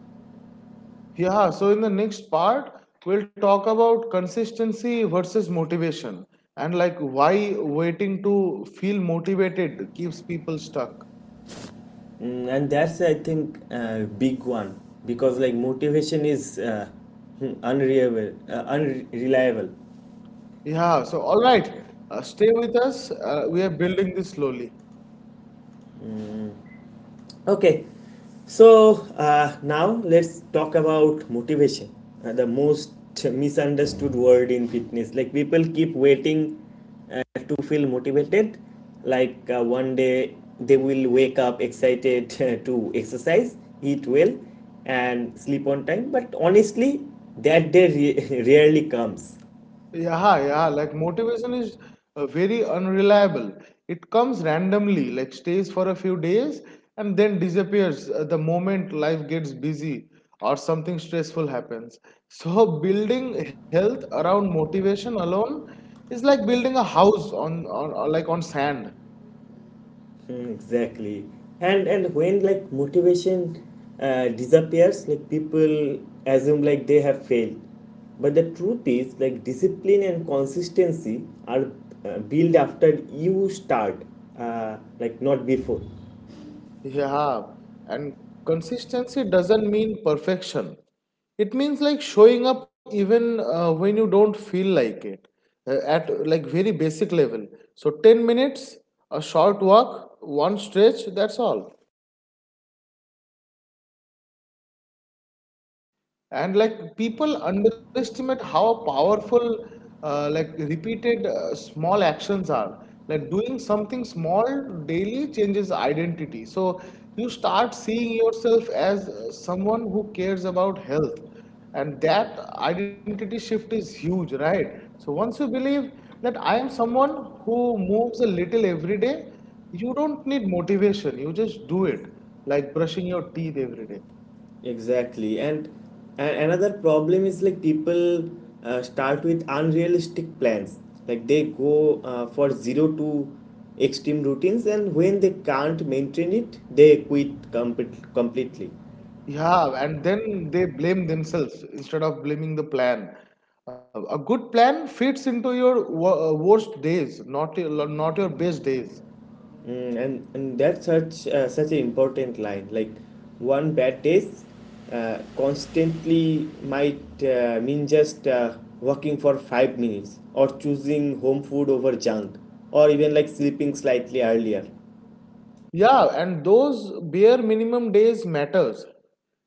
B: Yeah, so in the next part, we'll talk about consistency versus motivation and like why waiting to feel motivated keeps people stuck.
A: Mm, and that's I think a big one because like motivation is uh, [laughs] unreliable uh, unreliable.
B: Yeah, so all right, uh, stay with us. Uh, we are building this slowly.
A: Okay, so uh, now let's talk about motivation, uh, the most misunderstood word in fitness. Like people keep waiting to feel motivated, like uh, one day they will wake up excited [laughs] to exercise, eat well, and sleep on time. But honestly, that day re- [laughs] rarely comes.
B: Yeah, yeah, like motivation is uh, very unreliable. It comes randomly, like stays for a few days and then disappears uh, the moment life gets busy or something stressful happens. So, [laughs] building health around motivation alone is like building a house on, on, on like on sand.
A: Mm, exactly and and when like motivation uh, disappears like people assume like they have failed, but the truth is like discipline and consistency are uh, built after you start, uh, like not before.
B: Yeah, and consistency doesn't mean perfection. It means like showing up even uh, when you don't feel like it, uh, at like very basic level. So ten minutes, a short walk, one stretch, that's all. And like people underestimate how powerful, uh, like repeated, uh, small actions are. Like doing something small daily changes identity. So you start seeing yourself as uh, someone who cares about health, and that identity shift is huge, right? So once you believe that I am someone who moves a little every day, you don't need motivation, you just do it, like brushing your teeth every day.
A: Exactly. And, and another problem is like people uh, start with unrealistic plans. Like they go uh, for zero to extreme routines, and when they can't maintain it, they quit complete, completely.
B: Yeah, and then they blame themselves instead of blaming the plan. A a good plan fits into your wo- uh, worst days, not your, not your best days.
A: Mm, and, and that's such uh, such an important line. Like one bad taste uh, constantly might uh, mean just uh, working for five minutes or choosing home food over junk or even like sleeping slightly earlier.
B: Yeah, and those bare minimum days matters.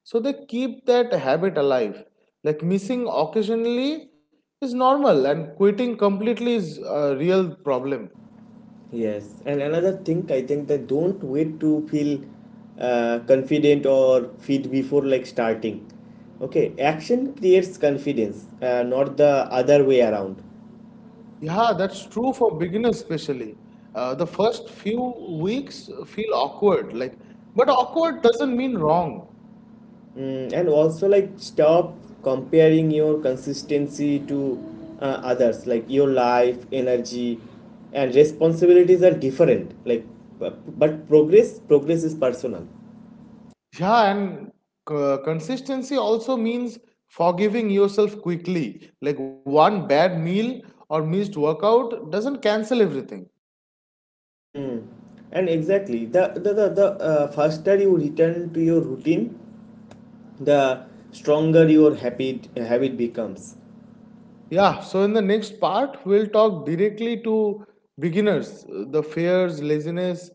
B: So they keep that habit alive. Like missing occasionally is normal, and quitting completely is a real problem.
A: Yes, and another thing I think that don't wait to feel uh, confident or fit before like starting. Okay, action creates confidence, uh, not the other way around.
B: Yeah, that's true for beginners especially. Uh, the first few weeks feel awkward, like, but awkward doesn't mean wrong.
A: Mm, and also like stop comparing your consistency to uh, others. Like your life, energy, and responsibilities are different. Like, bu- but progress progress is personal.
B: Yeah, and uh, consistency also means forgiving yourself quickly. Like one bad meal or missed workout doesn't cancel everything.
A: Mm. And exactly, the the the, the uh, faster you return to your routine, the stronger your habit habit becomes.
B: Yeah, so in the next part, we'll talk directly to beginners, uh, the fears, laziness,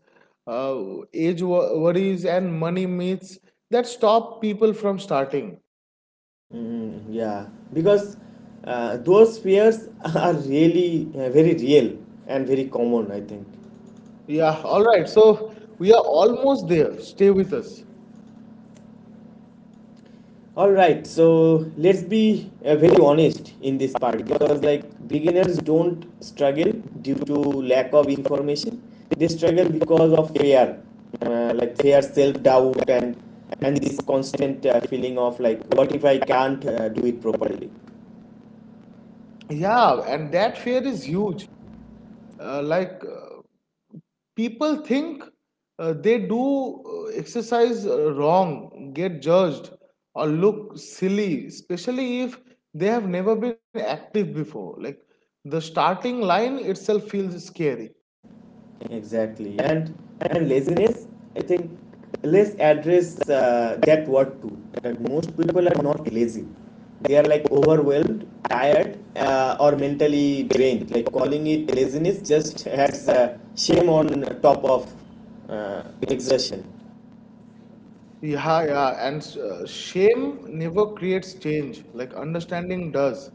B: uh, age wo- worries, and money myths that stop people from starting.
A: Mm, yeah, because uh, those fears [laughs] are really uh, very real and very common I think.
B: Yeah, all right. So we are almost there. Stay with us.
A: All right, so let's be uh, very honest in this part because like beginners don't struggle due to lack of information. They struggle because of fear, uh, like fear, self doubt, and and this constant uh, feeling of like, what if I can't uh, do it properly?
B: Yeah, and that fear is huge. Uh, like uh, people think uh, they do uh, exercise uh, wrong, get judged, or look silly, especially if they have never been active before. Like the starting line itself feels scary.
A: Exactly. And and laziness, I think, let's address uh, that word too. That most people are not lazy. They are like overwhelmed, tired, uh, or mentally drained. Like calling it laziness just has uh, shame on top of uh, exertion.
B: Yeah, yeah, and uh, shame never creates change, like understanding does.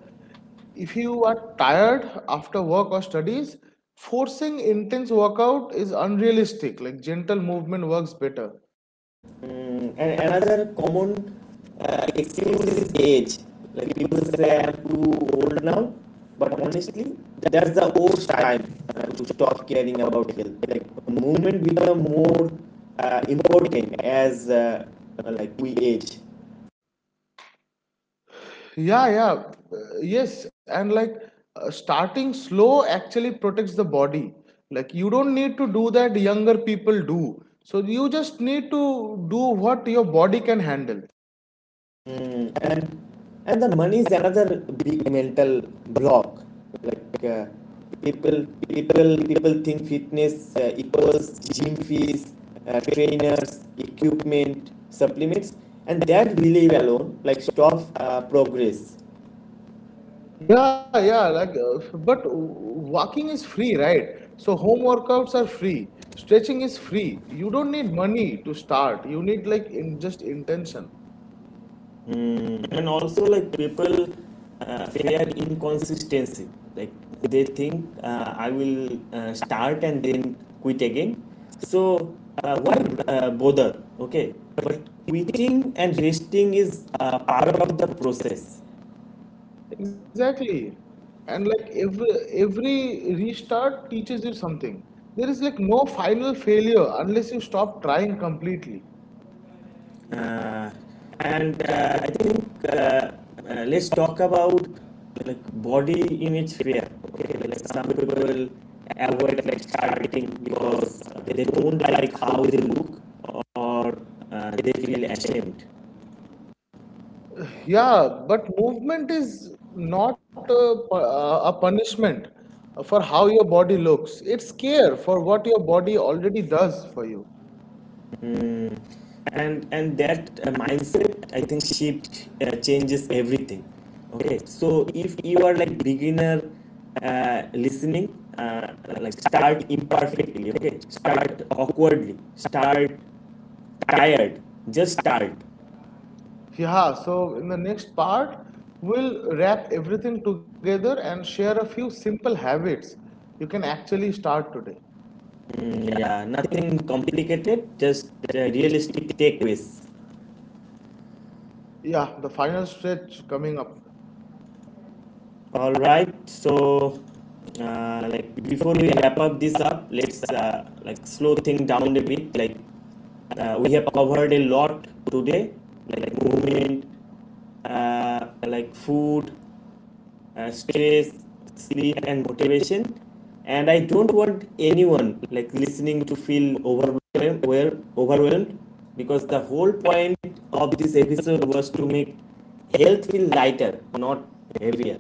B: If you are tired after work or studies, forcing intense workout is unrealistic. Like gentle movement works better.
A: Mm, and another common uh, excuse is age. Like people say I'm too old now, but honestly, that's the worst time uh, to stop caring about health. Like movement become more uh, important as uh, like we age.
B: Yeah, yeah, uh, yes, and like uh, starting slow actually protects the body. Like you don't need to do that younger people do. So you just need to do what your body can handle.
A: Mm, and and the money is another big mental block. Like uh, people, people, people think fitness uh, equals gym fees, uh, trainers, equipment, supplements, and that belief alone like stops uh, progress.
B: Yeah, yeah, like, uh, but walking is free, right? So home workouts are free. Stretching is free. You don't need money to start. You need like in just intention.
A: Mm, and also like people uh, fear inconsistency, like they think, uh, I will uh, start and then quit again, so uh, why uh, bother? Okay, but quitting and resting is uh, part of the process.
B: Exactly. And like every every restart teaches you something. There is like no final failure unless you stop trying completely.
A: Uh, and uh, I think uh, uh, let's talk about like body image fear. Okay, like some people avoid like starting because they don't like how they look or uh, they feel ashamed.
B: Yeah, but movement is not a, pu- a punishment for how your body looks. It's care for what your body already does for you.
A: Mm. And and that uh, mindset, I think, shift uh, changes everything. Okay, so if you are like beginner uh, listening, uh, like start imperfectly. Okay, start awkwardly. Start tired. Just start.
B: Yeah, so in the next part, we'll wrap everything together and share a few simple habits you can actually start today.
A: Mm, yeah, nothing complicated. Just uh, realistic takeaways.
B: Yeah, the final stretch coming up.
A: All right. So, uh, like before we wrap up this up, let's uh, like slow things down a bit. Like uh, we have covered a lot today, like like movement, uh, like food, uh, stress, sleep, and motivation. And I don't want anyone like listening to feel overwhelmed, well, overwhelmed, because the whole point of this episode was to make health feel lighter, not heavier.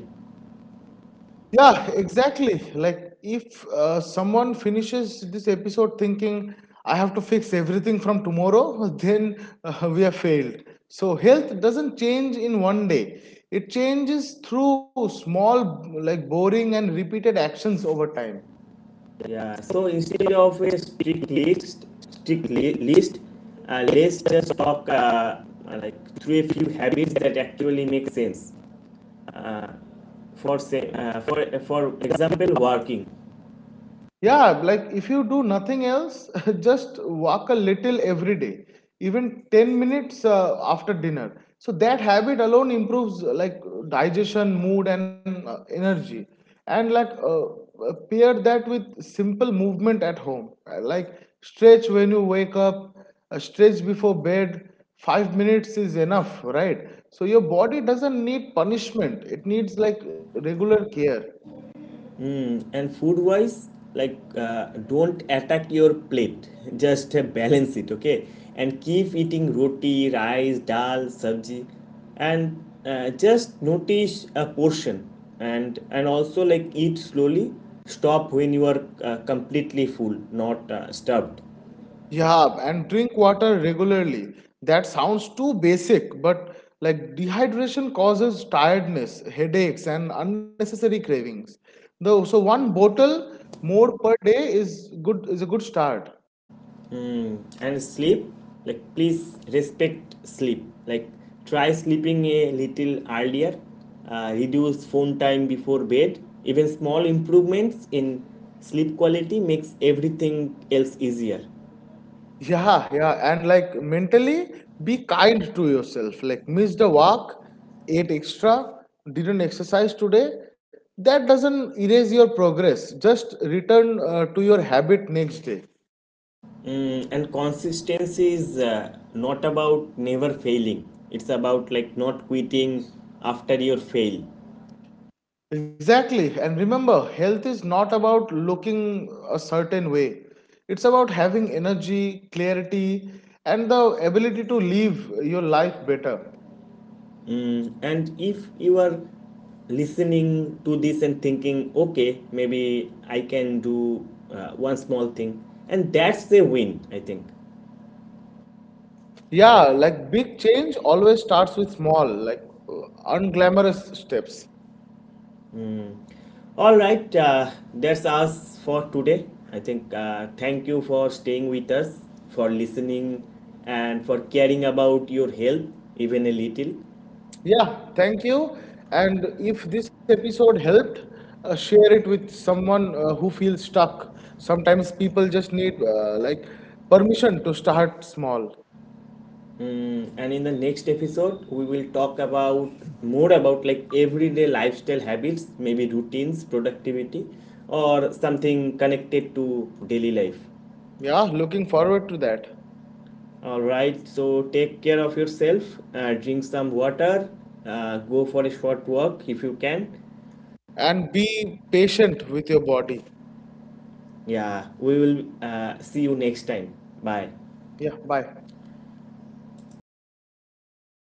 B: Yeah, exactly. Like if uh, someone finishes this episode thinking, I have to fix everything from tomorrow, [laughs] then uh, we have failed. So health doesn't change in one day. It changes through small, like boring and repeated actions over time.
A: Yeah, so instead of a strict list, strict li- list, uh, let's just talk uh, like through a few habits that actually make sense. Uh, for say, uh, for for example, working.
B: Yeah, like if you do nothing else, [laughs] just walk a little every day, even ten minutes uh, after dinner. So that habit alone improves uh, like digestion, mood, and uh, energy. And like uh, uh, pair that with simple movement at home. Uh, like stretch when you wake up, uh, stretch before bed. Five minutes is enough, right? So your body doesn't need punishment, it needs like regular care.
A: and and food wise like uh, don't attack your plate [laughs] just uh, balance it, okay, and keep eating roti, rice, dal, sabji, and uh, just notice a portion. and and also like eat slowly, stop when you are uh, completely full, not uh, stuffed.
B: Yeah, and drink water regularly. That sounds too basic, but like dehydration causes tiredness, headaches, and unnecessary cravings. Though, so one bottle more per day is good is a good start.
A: Mm. And sleep, like please respect sleep. Like try sleeping a little earlier, uh, reduce phone time before bed. Even small improvements in sleep quality makes everything else easier.
B: Yeah, yeah, and like mentally, be kind to yourself. Like missed the walk, ate extra, didn't exercise today. That doesn't erase your progress. Just return uh, to your habit next day.
A: Mm, and consistency is uh, not about never failing, it's about like not quitting after your fail.
B: Exactly. And remember, health is not about looking a certain way. It's about having energy, clarity, and the ability to live your life better.
A: Mm, and if you are listening to this and thinking, okay, maybe I can do uh, one small thing, and that's a win, I think.
B: Yeah, like big change always starts with small, like uh, unglamorous steps.
A: All right, uh, that's us for today. I think uh, thank you for staying with us, for listening, and for caring about your health even a little.
B: Yeah, thank you. And if this episode helped, uh, share it with someone uh, who feels stuck. Sometimes people just need uh, like permission to start small.
A: Mm, and in the next episode, we will talk about more about like everyday lifestyle habits, maybe routines, productivity, or something connected to daily life.
B: Yeah, looking forward to that.
A: All right, so take care of yourself, uh, drink some water, uh, go for a short walk if you can.
B: And be patient with your body.
A: Yeah, we will uh, see you next time. Bye.
B: Yeah, bye.